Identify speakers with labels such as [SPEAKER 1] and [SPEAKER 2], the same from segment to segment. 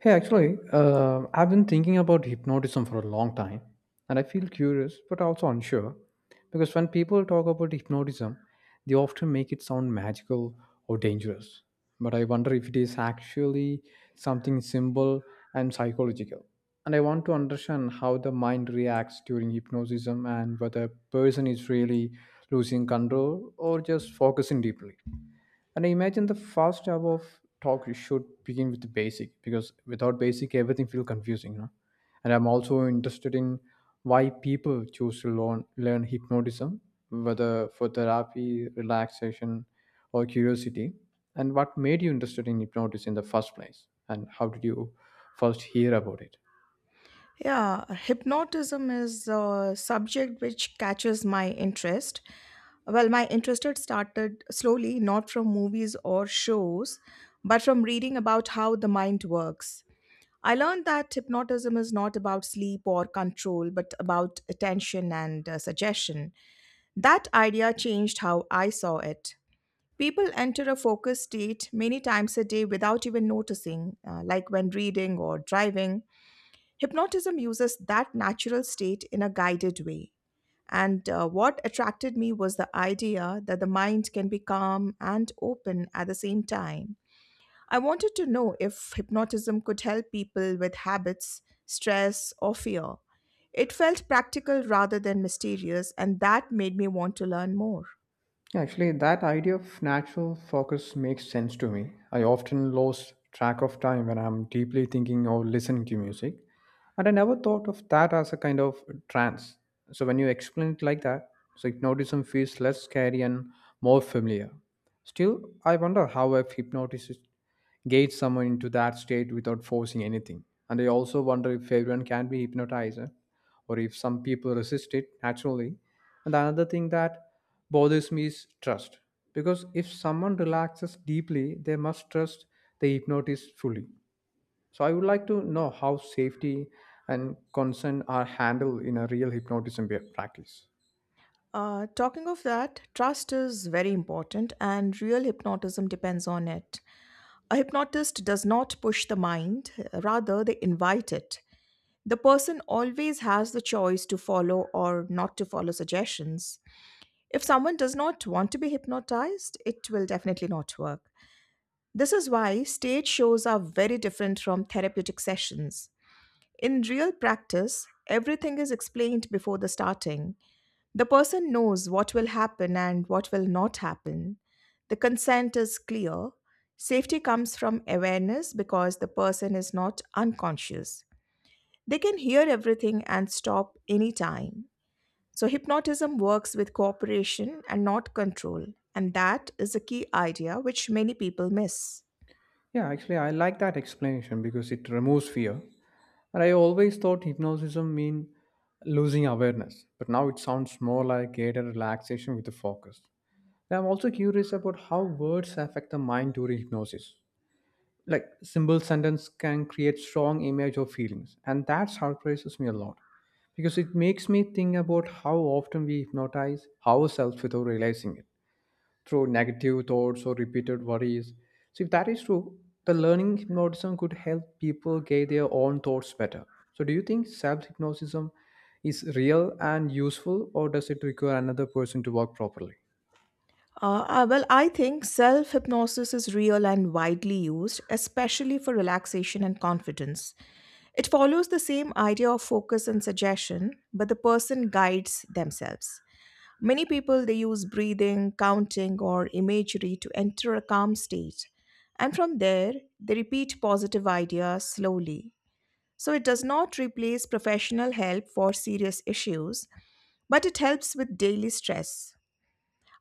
[SPEAKER 1] Hey, actually, I've been thinking about hypnotism for a long time, and I feel curious but also unsure because when people talk about hypnotism, they often make it sound magical or dangerous. But I wonder if it is actually something simple and psychological. And I want to understand how the mind reacts during hypnosis and whether a person is really losing control or just focusing deeply. And I imagine the first job of talk you should begin with the basic because without basic everything feels confusing. And I'm also interested in why people choose to learn hypnotism, whether for therapy, relaxation, or curiosity. And what made you interested in hypnosis in the first place? And how did you first hear about it?
[SPEAKER 2] Yeah, hypnotism is a subject which catches my interest. Well, my interest had started slowly, not from movies or shows, but from reading about how the mind works. I learned that hypnotism is not about sleep or control, but about attention and suggestion. That idea changed how I saw it. People enter a focused state many times a day without even noticing, like when reading or driving. Hypnotism uses that natural state in a guided way. And what attracted me was the idea that the mind can be calm and open at the same time. I wanted to know if hypnotism could help people with habits, stress, or fear. It felt practical rather than mysterious, and that made me want to learn more.
[SPEAKER 1] Actually, that idea of natural focus makes sense to me. I often lose track of time when I'm deeply thinking or listening to music, and I never thought of that as a kind of trance. So when you explain it like that, so hypnotism feels less scary and more familiar. Still, I wonder how if hypnosis gates someone into that state without forcing anything. And I also wonder if everyone can be hypnotized, or if some people resist it naturally, and the another thing that bothers me is trust. Because if someone relaxes deeply, they must trust the hypnotist fully. So I would like to know how safety and consent are handled in a real hypnotism practice.
[SPEAKER 2] Talking of that, trust is very important, and real hypnotism depends on it. A hypnotist does not push the mind, rather, they invite it. The person always has the choice to follow or not to follow suggestions. If someone does not want to be hypnotized, it will definitely not work. This is why stage shows are very different from therapeutic sessions. In real practice, everything is explained before the starting. The person knows what will happen and what will not happen. The consent is clear. Safety comes from awareness because the person is not unconscious. They can hear everything and stop anytime. So, hypnotism works with cooperation and not control. And that is a key idea which many people miss.
[SPEAKER 1] Yeah, actually, I like that explanation because it removes fear. And I always thought hypnotism mean losing awareness, but now it sounds more like greater relaxation with the focus. And I'm also curious about how words affect the mind during hypnosis, like simple sentence can create strong image or feelings, and that surprises me a lot because it makes me think about how often we hypnotize ourselves without realizing it through negative thoughts or repeated worries. So if that is true, the learning hypnotism could help people get their own thoughts better. So do you think self hypnotism is real and useful, or does it require another person to work properly?
[SPEAKER 2] Well, I think self hypnosis is real and widely used, especially for relaxation and confidence. It follows the same idea of focus and suggestion, but the person guides themselves. Many people they use breathing, counting or imagery to enter a calm state, and from there they repeat positive ideas slowly. So it does not replace professional help for serious issues, but it helps with daily stress.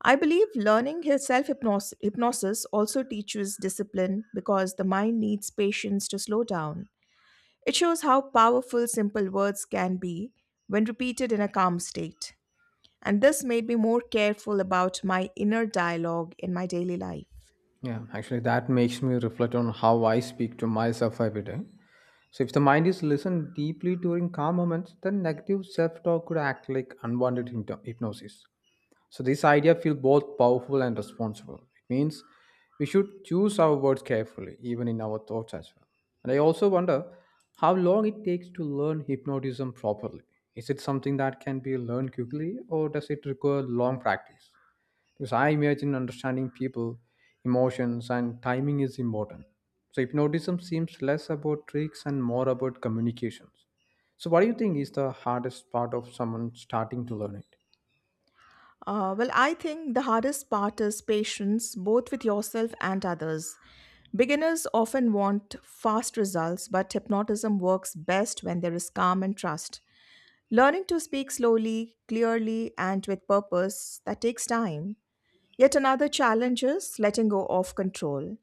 [SPEAKER 2] I believe learning self hypnosis also teaches discipline because the mind needs patience to slow down. It shows how powerful simple words can be when repeated in a calm state. And this made me more careful about my inner dialogue in my daily life.
[SPEAKER 1] Yeah, actually, that makes me reflect on how I speak to myself every day. So, if the mind is listened deeply during calm moments, then negative self talk could act like unwanted hypnosis. So, this idea feels both powerful and responsible. It means we should choose our words carefully, even in our thoughts as well. And I also wonder how long it takes to learn hypnotism properly. Is it something that can be learned quickly, or does it require long practice? Because I imagine understanding people emotions and timing is important, so hypnotism seems less about tricks and more about communications. So what do you think is the hardest part of someone starting to learn it?
[SPEAKER 2] Well, I think the hardest part is patience, both with yourself and others. Beginners often want fast results, but hypnotism works best when there is calm and trust. Learning to speak slowly, clearly, and with purpose, that takes time. Yet another challenge is letting go of control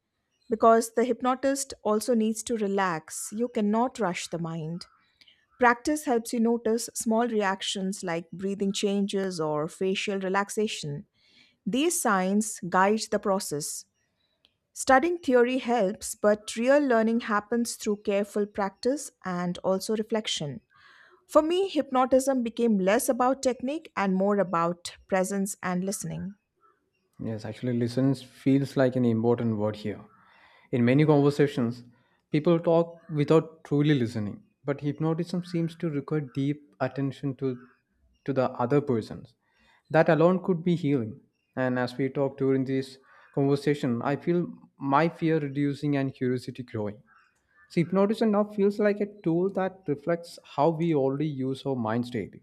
[SPEAKER 2] because the hypnotist also needs to relax. You cannot rush the mind. Practice helps you notice small reactions like breathing changes or facial relaxation. These signs guide the process. Studying theory helps, but real learning happens through careful practice and also reflection. For me, hypnotism became less about technique and more about presence and listening.
[SPEAKER 1] Yes, actually, listens feels like an important word here. In many conversations, people talk without truly listening, but hypnotism seems to require deep attention to the other persons. That alone could be healing. And as we talk during this conversation, I feel my fear reducing and curiosity growing. So hypnotism now feels like a tool that reflects how we already use our minds daily,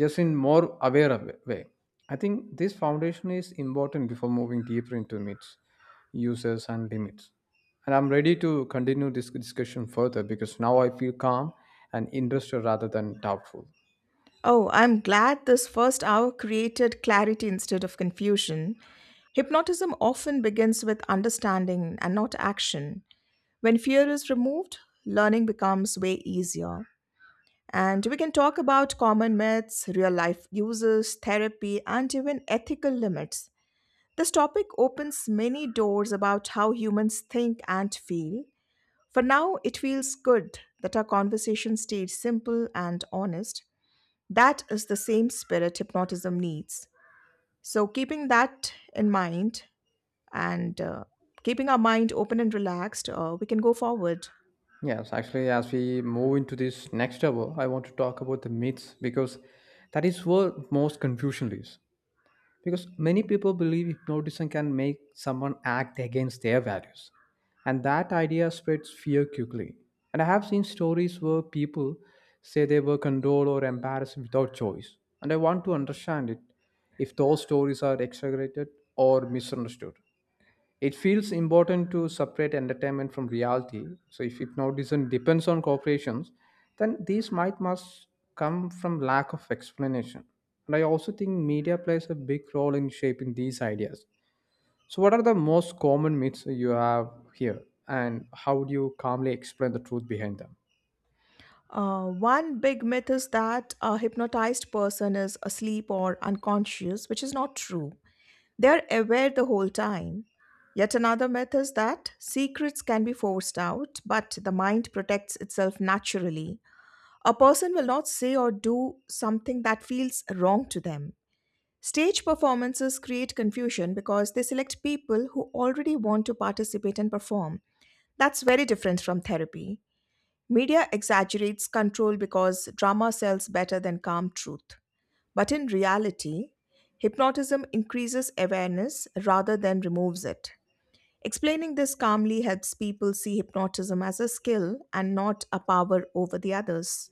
[SPEAKER 1] just in more aware of way. I think this foundation is important before moving deeper into myths, uses, and limits. And I'm ready to continue this discussion further because now I feel calm and interested rather than doubtful.
[SPEAKER 2] Oh, I'm glad this first hour created clarity instead of confusion. Hypnotism often begins with understanding and not action. When fear is removed, learning becomes way easier. And we can talk about common myths, real life uses, therapy, and even ethical limits. This topic opens many doors about how humans think and feel. For now, it feels good that our conversation stayed simple and honest. That is the same spirit hypnotism needs. So, keeping that in mind and keeping our mind open and relaxed, we can go forward.
[SPEAKER 1] Yes, actually, as we move into this next hour, I want to talk about the myths because that is where most confusion is. Because many people believe hypnotism can make someone act against their values, and that idea spreads fear quickly. And I have seen stories where people say they were condoled or embarrassed without choice, and I want to understand it if those stories are exaggerated or misunderstood. It feels important to separate entertainment from reality. So if hypnotism depends on corporations, then these might must come from lack of explanation. And I also think media plays a big role in shaping these ideas. So what are the most common myths you have here, and how do you calmly explain the truth behind them?
[SPEAKER 2] One big myth is that a hypnotized person is asleep or unconscious, which is not true. They're aware the whole time. Yet another myth is that secrets can be forced out, but the mind protects itself naturally. A person will not say or do something that feels wrong to them. Stage performances create confusion because they select people who already want to participate and perform. That's very different from therapy. Media exaggerates control because drama sells better than calm truth. But in reality, hypnotism increases awareness rather than removes it. Explaining this calmly helps people see hypnotism as a skill and not a power over the others.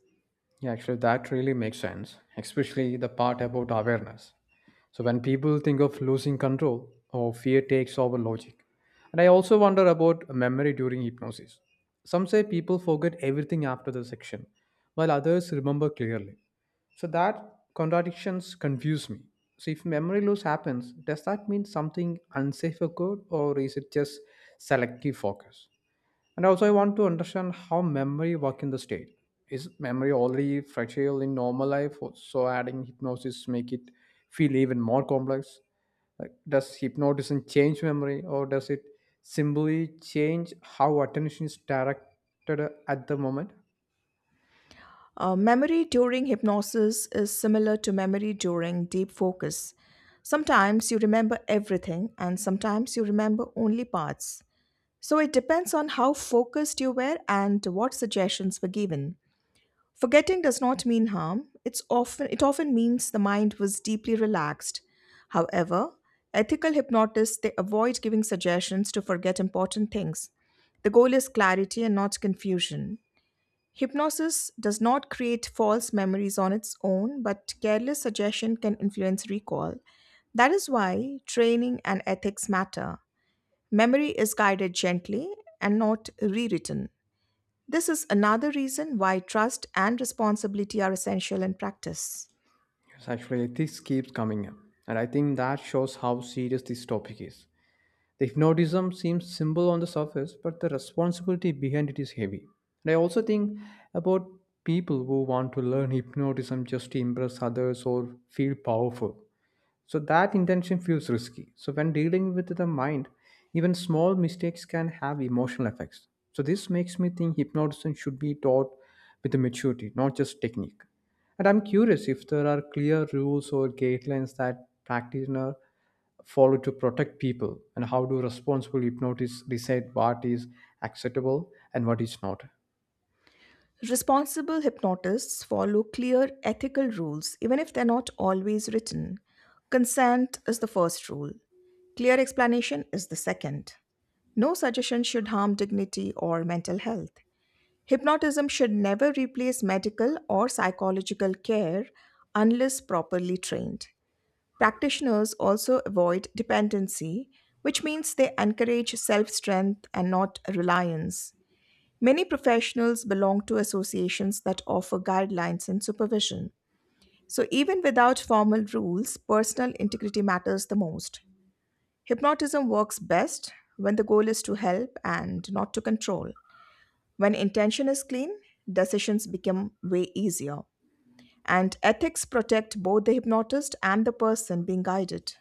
[SPEAKER 1] Yeah, actually, that really makes sense, especially the part about awareness. So, when people think of losing control, or fear takes over logic. And I also wonder about memory during hypnosis. Some say people forget everything after the section, while others remember clearly. So, that contradictions confuse me. So, if memory loss happens, does that mean something unsafe occurred, or is it just selective focus? And also, I want to understand how memory work in the state. Is memory already fragile in normal life, or so adding hypnosis make it feel even more complex? Like, does hypnotism change memory, or does it simply change how attention is directed at the moment?
[SPEAKER 2] Memory during hypnosis is similar to memory during deep focus. Sometimes you remember everything, and sometimes you remember only parts. So it depends on how focused you were and what suggestions were given. Forgetting does not mean harm. It's often it often means the mind was deeply relaxed. However, ethical hypnotists they avoid giving suggestions to forget important things. The goal is clarity and not confusion. Hypnosis does not create false memories on its own, but careless suggestion can influence recall. That is why training and ethics matter. Memory is guided gently and not rewritten. This is another reason why trust and responsibility are essential in practice.
[SPEAKER 1] Yes, actually, this keeps coming up, and I think that shows how serious this topic is. The hypnotism seems simple on the surface, but the responsibility behind it is heavy. And I also think about people who want to learn hypnotism just to impress others or feel powerful. So that intention feels risky. So when dealing with the mind, even small mistakes can have emotional effects. So this makes me think hypnotism should be taught with maturity, not just technique. And I'm curious if there are clear rules or guidelines that practitioner follow to protect people, and how do responsible hypnotists decide what is acceptable and what is not.
[SPEAKER 2] Responsible hypnotists follow clear ethical rules, even if they're not always written. Consent is the first rule, clear explanation is the second. No suggestion should harm dignity or mental health. Hypnotism should never replace medical or psychological care unless properly trained. Practitioners also avoid dependency, which means they encourage self strength and not reliance. Many professionals belong to associations that offer guidelines and supervision. So, even without formal rules, personal integrity matters the most. Hypnotism works best when the goal is to help and not to control. When intention is clean, decisions become way easier. And ethics protect both the hypnotist and the person being guided.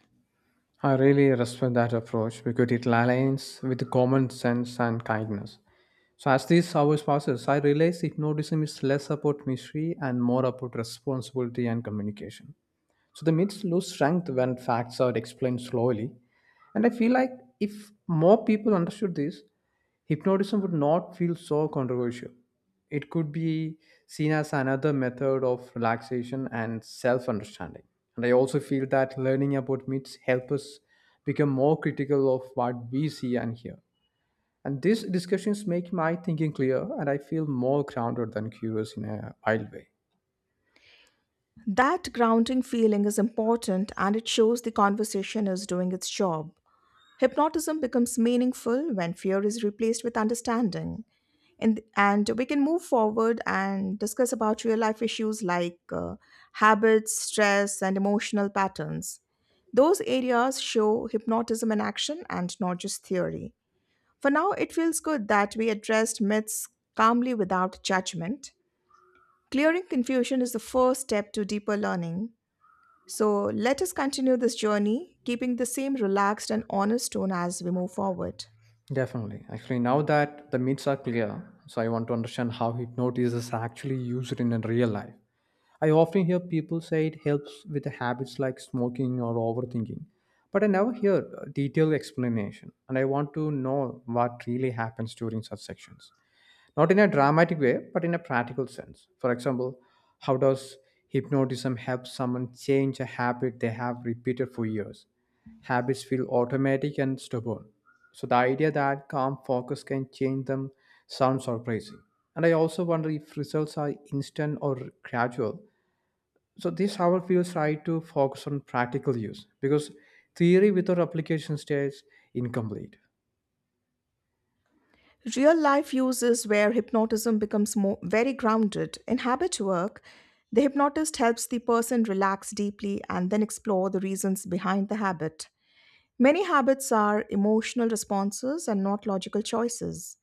[SPEAKER 1] I really respect that approach because it aligns with common sense and kindness. So as these hours passes, I realize hypnotism is less about mystery and more about responsibility and communication. So the myths lose strength when facts are explained slowly. And I feel like if more people understood this, hypnotism would not feel so controversial. It could be seen as another method of relaxation and self-understanding. And I also feel that learning about myths help us become more critical of what we see and hear. And these discussions make my thinking clear, and I feel more grounded than curious in a wild way.
[SPEAKER 2] That grounding feeling is important and it shows the conversation is doing its job. Hypnotism becomes meaningful when fear is replaced with understanding. And we can move forward and discuss about real life issues like habits, stress, and emotional patterns. Those areas show hypnotism in action and not just theory. For now, it feels good that we addressed myths calmly without judgment. Clearing confusion is the first step to deeper learning. So let us continue this journey, keeping the same relaxed and honest tone as we move forward.
[SPEAKER 1] Definitely. Actually, now that the myths are clear, so I want to understand how hypnosis is actually used in a real life. I often hear people say it helps with the habits like smoking or overthinking, but I never hear a detailed explanation, and I want to know what really happens during such sections. Not in a dramatic way, but in a practical sense. For example, how does hypnotism help someone change a habit they have repeated for years? Habits feel automatic and stubborn, so the idea that calm focus can change them sounds surprising. And I also wonder if results are instant or gradual. So this hour feels right to focus on practical use because theory without application stays incomplete.
[SPEAKER 2] Real life uses where hypnotism becomes more, very grounded. In habit work, the hypnotist helps the person relax deeply and then explore the reasons behind the habit. Many habits are emotional responses and not logical choices.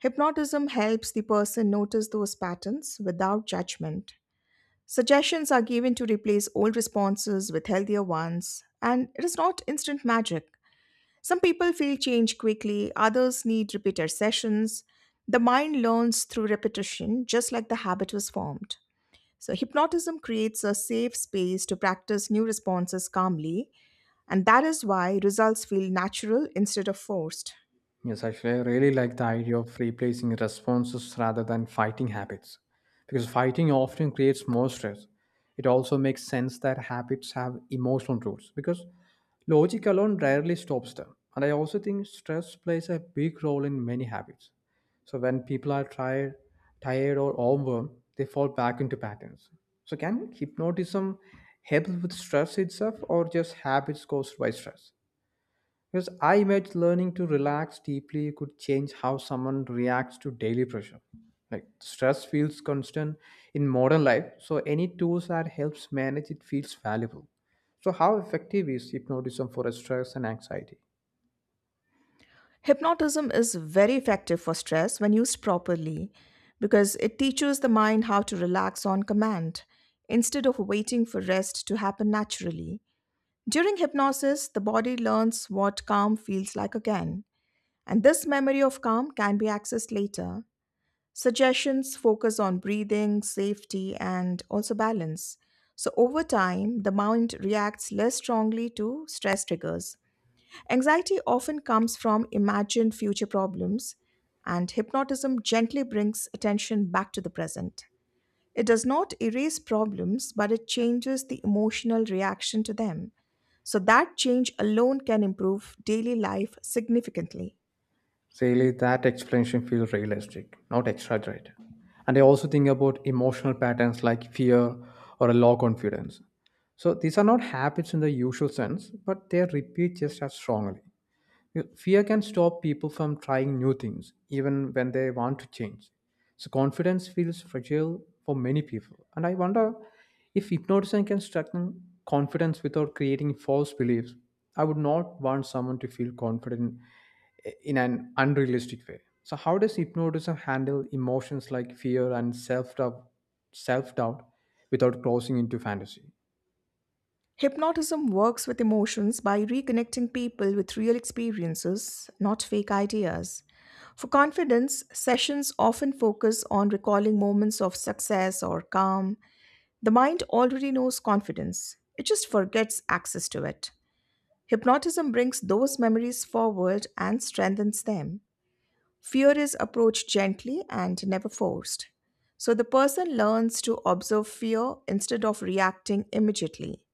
[SPEAKER 2] Hypnotism helps the person notice those patterns without judgment. Suggestions are given to replace old responses with healthier ones, and it is not instant magic. Some people feel change quickly, others need repeated sessions. The mind learns through repetition, just like the habit was formed. So, hypnotism creates a safe space to practice new responses calmly, and that is why results feel natural instead of forced.
[SPEAKER 1] Yes, actually, I really like the idea of replacing responses rather than fighting habits because fighting often creates more stress. It also makes sense that habits have emotional roots because logic alone rarely stops them. And I also think stress plays a big role in many habits. So when people are tired or overwhelmed, they fall back into patterns. So can hypnotism help with stress itself or just habits caused by stress? Because I imagine learning to relax deeply could change how someone reacts to daily pressure. Like stress feels constant in modern life, so any tools that helps manage it feels valuable. So how effective is hypnotism for stress and anxiety?
[SPEAKER 2] Hypnotism is very effective for stress when used properly because it teaches the mind how to relax on command instead of waiting for rest to happen naturally. During hypnosis, the body learns what calm feels like again, and this memory of calm can be accessed later. Suggestions focus on breathing, safety, and also balance. So, over time, the mind reacts less strongly to stress triggers. Anxiety often comes from imagined future problems, and hypnotism gently brings attention back to the present. It does not erase problems, but it changes the emotional reaction to them. So, that change alone can improve daily life significantly.
[SPEAKER 1] Really, that explanation feels realistic, not exaggerated. And I also think about emotional patterns like fear or a low confidence. So these are not habits in the usual sense, but they repeat just as strongly. Fear can stop people from trying new things, even when they want to change. So confidence feels fragile for many people. And I wonder if hypnotism can strengthen confidence without creating false beliefs. I would not want someone to feel confident in an unrealistic way. So how does hypnotism handle emotions like fear and self doubt without crossing into fantasy?
[SPEAKER 2] Hypnotism works with emotions by reconnecting people with real experiences, not fake ideas. For confidence, sessions often focus on recalling moments of success or calm. The mind already knows confidence, it just forgets access to it. Hypnotism brings those memories forward and strengthens them. Fear is approached gently and never forced. So the person learns to observe fear instead of reacting immediately.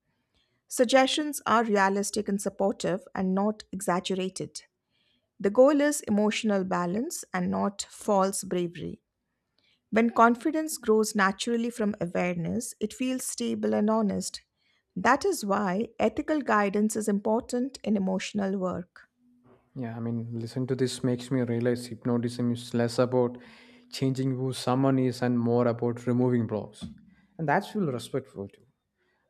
[SPEAKER 2] Suggestions are realistic and supportive and not exaggerated. The goal is emotional balance and not false bravery. When confidence grows naturally from awareness, it feels stable and honest. That is why ethical guidance is important in emotional work.
[SPEAKER 1] Yeah, I mean, listen to this makes me realize hypnotism is less about changing who someone is and more about removing blocks. And that's feel respectful too.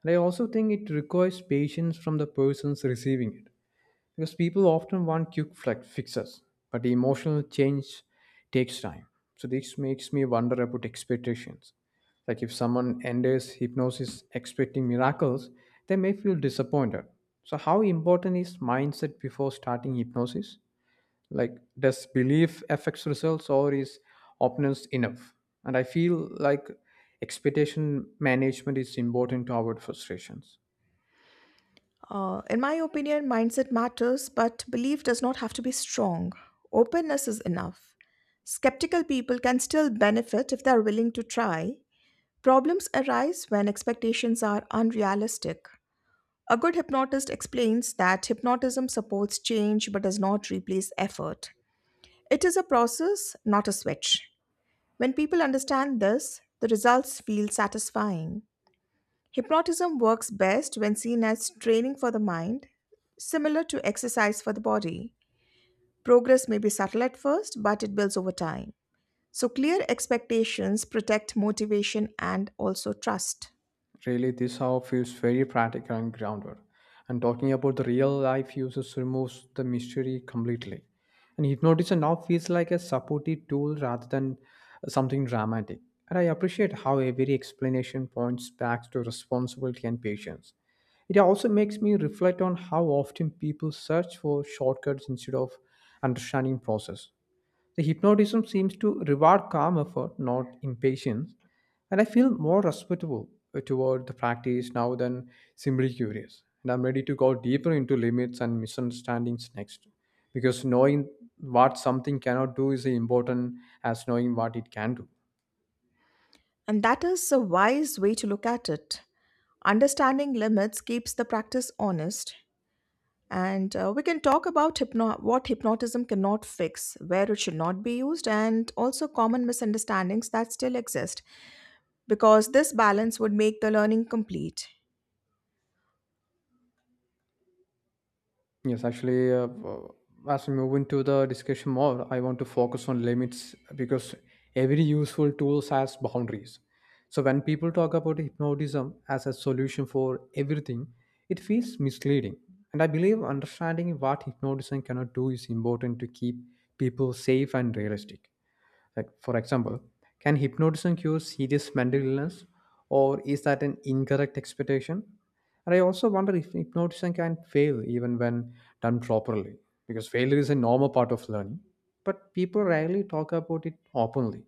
[SPEAKER 1] And I also think it requires patience from the persons receiving it. Because people often want quick flex fixes, but the emotional change takes time. So this makes me wonder about expectations. Like if someone enters hypnosis expecting miracles, they may feel disappointed. So how important is mindset before starting hypnosis? Like does belief affects results, or is openness enough? And I feel like expectation management is important to avoid frustrations.
[SPEAKER 2] In my opinion, mindset matters, but belief does not have to be strong. Openness is enough. Skeptical people can still benefit if they are willing to try. Problems arise when expectations are unrealistic. A good hypnotist explains that hypnotism supports change but does not replace effort. It is a process, not a switch. When people understand this, the results feel satisfying. Hypnotism works best when seen as training for the mind, similar to exercise for the body. Progress may be subtle at first, but it builds over time. So, clear expectations protect motivation and also trust.
[SPEAKER 1] Really, this how feels very practical and grounded. And talking about the real life uses removes the mystery completely. And hypnosis now feels like a supportive tool rather than something dramatic. And I appreciate how every explanation points back to responsibility and patience. It also makes me reflect on how often people search for shortcuts instead of understanding process. The hypnotism seems to reward calm effort, not impatience, and I feel more respectable toward the practice now than simply curious. And I'm ready to go deeper into limits and misunderstandings next, because knowing what something cannot do is important as knowing what it can do.
[SPEAKER 2] And that is a wise way to look at it. Understanding limits keeps the practice honest. And we can talk about what hypnotism cannot fix, where it should not be used, and also common misunderstandings that still exist. Because this balance would make the learning complete.
[SPEAKER 1] Yes, actually, as we move into the discussion more, I want to focus on limits because every useful tool has boundaries. So when people talk about hypnotism as a solution for everything, it feels misleading. And I believe understanding what hypnotism cannot do is important to keep people safe and realistic. Like, for example, can hypnotism cure serious mental illness, or is that an incorrect expectation? And I also wonder if hypnotism can fail even when done properly, because failure is a normal part of learning, but people rarely talk about it openly.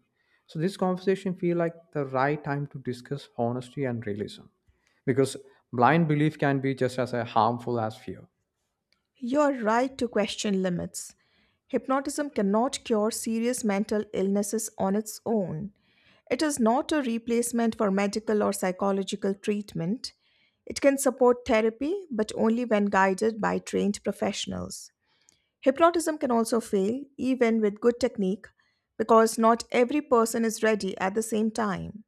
[SPEAKER 1] So this conversation feel like the right time to discuss honesty and realism, because blind belief can be just as harmful as fear.
[SPEAKER 2] You're right to question limits. Hypnotism cannot cure serious mental illnesses on its own. It is not a replacement for medical or psychological treatment. It can support therapy, but only when guided by trained professionals. Hypnotism can also fail, even with good technique, because not every person is ready at the same time.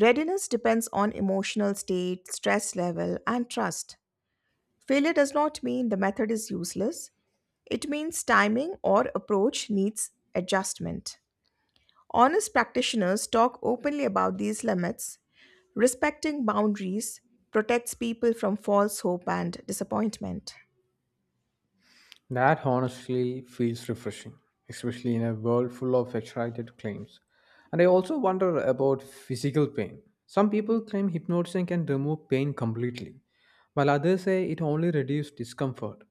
[SPEAKER 2] Readiness depends on emotional state, stress level, and trust. Failure does not mean the method is useless, it means timing or approach needs adjustment. Honest practitioners talk openly about these limits. Respecting boundaries protects people from false hope and disappointment.
[SPEAKER 1] That honestly feels refreshing, especially in a world full of exaggerated claims. And I also wonder about physical pain. Some people claim hypnotism can remove pain completely, while others say it only reduces discomfort.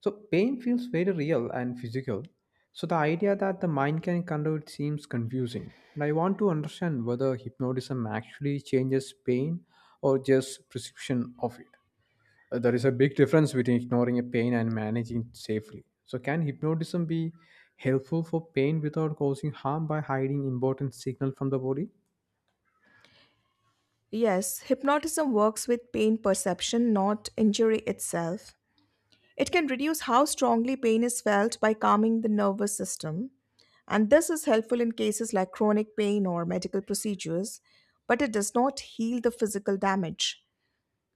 [SPEAKER 1] So pain feels very real and physical. So the idea that the mind can control it seems confusing. And I want to understand whether hypnotism actually changes pain or just perception of it. There is a big difference between ignoring a pain and managing it safely. So, can hypnotism be helpful for pain without causing harm by hiding important signal from the body?
[SPEAKER 2] Yes, hypnotism works with pain perception, not injury itself. It can reduce how strongly pain is felt by calming the nervous system, and this is helpful in cases like chronic pain or medical procedures, but it does not heal the physical damage.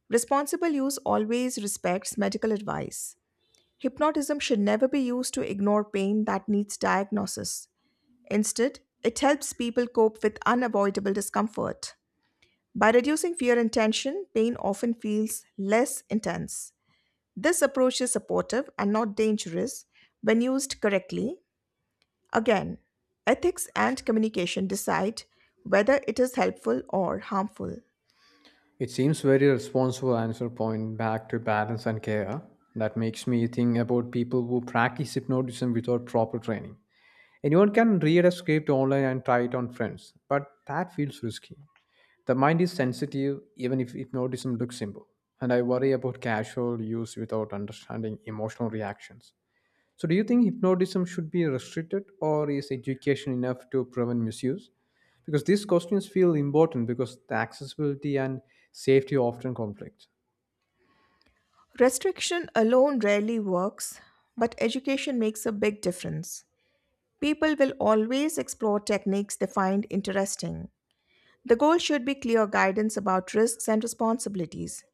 [SPEAKER 2] Responsible use always respects medical advice. Hypnotism should never be used to ignore pain that needs diagnosis. Instead, it helps people cope with unavoidable discomfort. By reducing fear and tension, pain often feels less intense. This approach is supportive and not dangerous when used correctly. Again, ethics and communication decide whether it is helpful or harmful.
[SPEAKER 1] It seems very responsible answer point back to balance and care. That makes me think about people who practice hypnotism without proper training. Anyone can read a script online and try it on friends, but that feels risky. The mind is sensitive even if hypnotism looks simple, and I worry about casual use without understanding emotional reactions. So, do you think hypnotism should be restricted, or is education enough to prevent misuse? Because these questions feel important because the accessibility and safety often conflict.
[SPEAKER 2] Restriction alone rarely works, but education makes a big difference. People will always explore techniques they find interesting. The goal should be clear guidance about risks and responsibilities.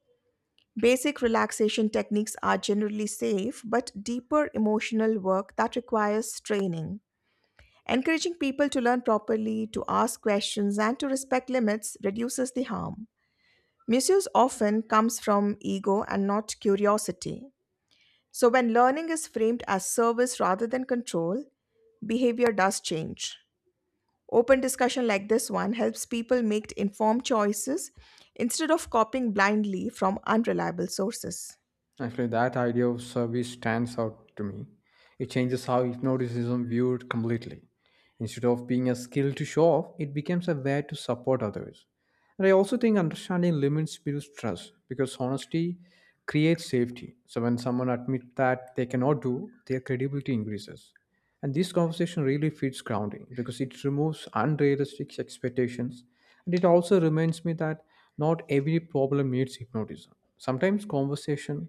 [SPEAKER 2] Basic relaxation techniques are generally safe, but deeper emotional work that requires training. Encouraging people to learn properly, to ask questions, and to respect limits reduces the harm. Misuse often comes from ego and not curiosity. So, when learning is framed as service rather than control, behavior does change. Open discussion like this one helps people make informed choices instead of copying blindly from unreliable sources.
[SPEAKER 1] Actually, that idea of service stands out to me. It changes how hypnotism viewed completely. Instead of being a skill to show off, it becomes a way to support others. And I also think understanding limits builds trust because honesty creates safety. So when someone admits that they cannot do, their credibility increases. And this conversation really feeds grounding because it removes unrealistic expectations. And it also reminds me that not every problem needs hypnotism. Sometimes conversation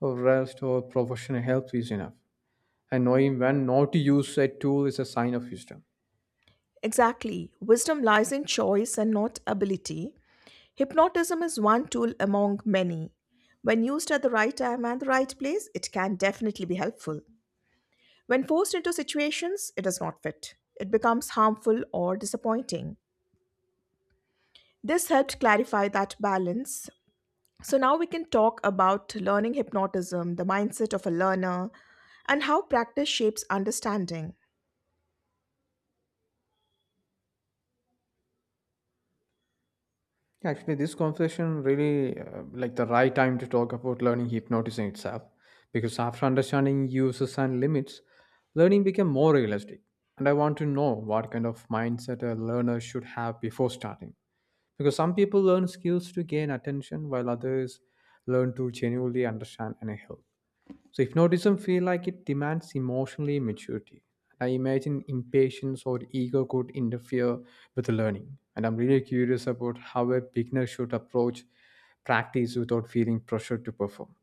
[SPEAKER 1] or rest or professional help is enough. And knowing when not to use a tool is a sign of wisdom.
[SPEAKER 2] Exactly. Wisdom lies in choice and not ability. Hypnotism is one tool among many. When used at the right time and the right place, it can definitely be helpful. When forced into situations, it does not fit. It becomes harmful or disappointing. This helped clarify that balance. So now we can talk about learning hypnotism, the mindset of a learner, and how practice shapes understanding.
[SPEAKER 1] Actually, this conversation really like the right time to talk about learning hypnosis in itself, because after understanding uses and limits, learning became more realistic. And I want to know what kind of mindset a learner should have before starting, because some people learn skills to gain attention, while others learn to genuinely understand and help. So hypnotism feel like it demands emotionally maturity. I imagine impatience or ego could interfere with the learning. And I'm really curious about how a beginner should approach practice without feeling pressure to perform.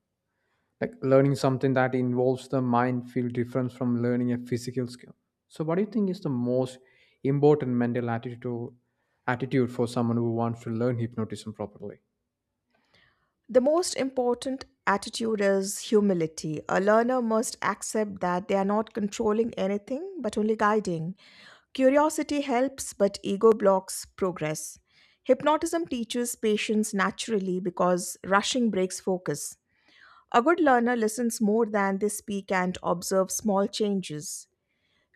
[SPEAKER 1] Like learning something that involves the mind feel different from learning a physical skill. So what do you think is the most important mental attitude for someone who wants to learn hypnotism properly?
[SPEAKER 2] The most important attitude is humility. A learner must accept that they are not controlling anything but only guiding. Curiosity helps, but ego blocks progress. Hypnotism teaches patience naturally because rushing breaks focus. A good learner listens more than they speak and observes small changes.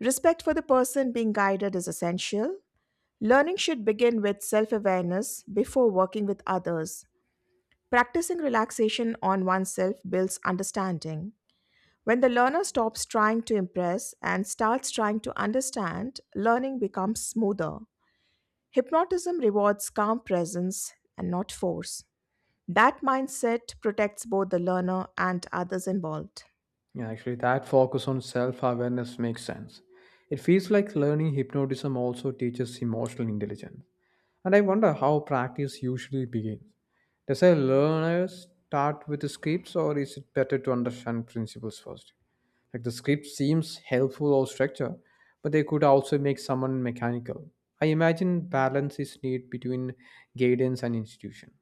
[SPEAKER 2] Respect for the person being guided is essential. Learning should begin with self awareness before working with others. Practicing relaxation on oneself builds understanding. When the learner stops trying to impress and starts trying to understand, learning becomes smoother. Hypnotism rewards calm presence and not force. That mindset protects both the learner and others involved.
[SPEAKER 1] Yeah, actually, that focus on self awareness makes sense. It feels like learning hypnotism also teaches emotional intelligence. And I wonder how practice usually begins. Does a learner start with the scripts, or is it better to understand principles first? Like the script seems helpful or structure, but they could also make someone mechanical. I imagine balance is needed between guidance and institution.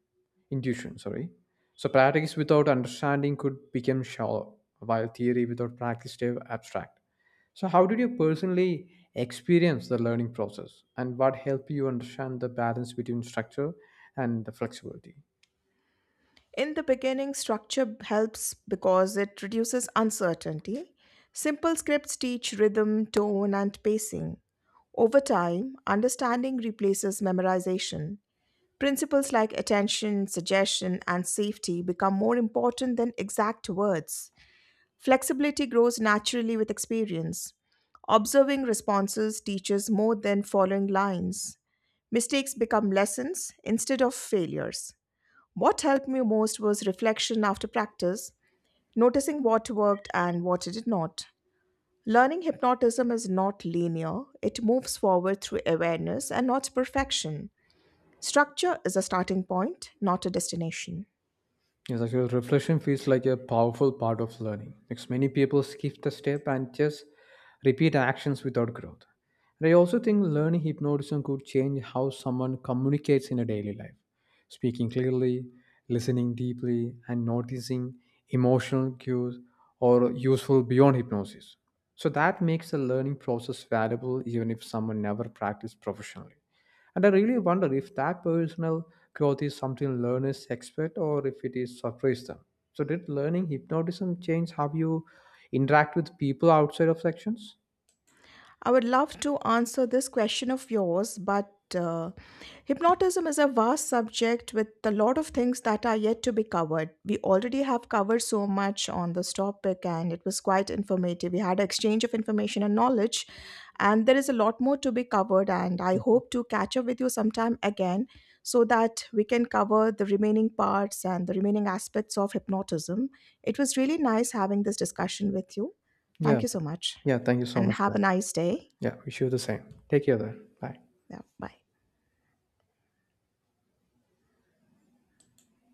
[SPEAKER 1] Intuition, sorry. So practice without understanding could become shallow, while theory without practice stay abstract. So, how did you personally experience the learning process, and what helped you understand the balance between structure and the flexibility?
[SPEAKER 2] In the beginning, structure helps because it reduces uncertainty. Simple scripts teach rhythm, tone, and pacing. Over time, understanding replaces memorization. Principles like attention, suggestion, and safety become more important than exact words. Flexibility grows naturally with experience. Observing responses teaches more than following lines. Mistakes become lessons instead of failures. What helped me most was reflection after practice, noticing what worked and what did not. Learning hypnotism is not linear, it moves forward through awareness and not perfection. Structure is a starting point, not a destination.
[SPEAKER 1] Yes, actually, reflection feels like a powerful part of learning because many people skip the step and just repeat actions without growth. And I also think learning hypnotism could change how someone communicates in a daily life, speaking clearly, listening deeply, and noticing emotional cues or useful beyond hypnosis. So that makes the learning process valuable even if someone never practiced professionally. And I really wonder if that personal growth is something learners expect or if it is surprise them. So did learning hypnotism change how you interact with people outside of sections?
[SPEAKER 2] I would love to answer this question of yours, but hypnotism is a vast subject with a lot of things that are yet to be covered. We already have covered so much on this topic, and it was quite informative. We had exchange of information and knowledge, and there is a lot more to be covered. And I
[SPEAKER 1] Mm.
[SPEAKER 2] hope to catch up with you sometime again so that we can cover the remaining parts and the remaining aspects of hypnotism. It was really nice having this discussion with you.
[SPEAKER 1] Yeah.
[SPEAKER 2] Thank you so much,
[SPEAKER 1] Yeah, thank you so
[SPEAKER 2] and
[SPEAKER 1] much for
[SPEAKER 2] have a
[SPEAKER 1] that.
[SPEAKER 2] nice day.
[SPEAKER 1] Yeah. Wish you the same. Take care then. Bye.
[SPEAKER 2] Yeah, bye.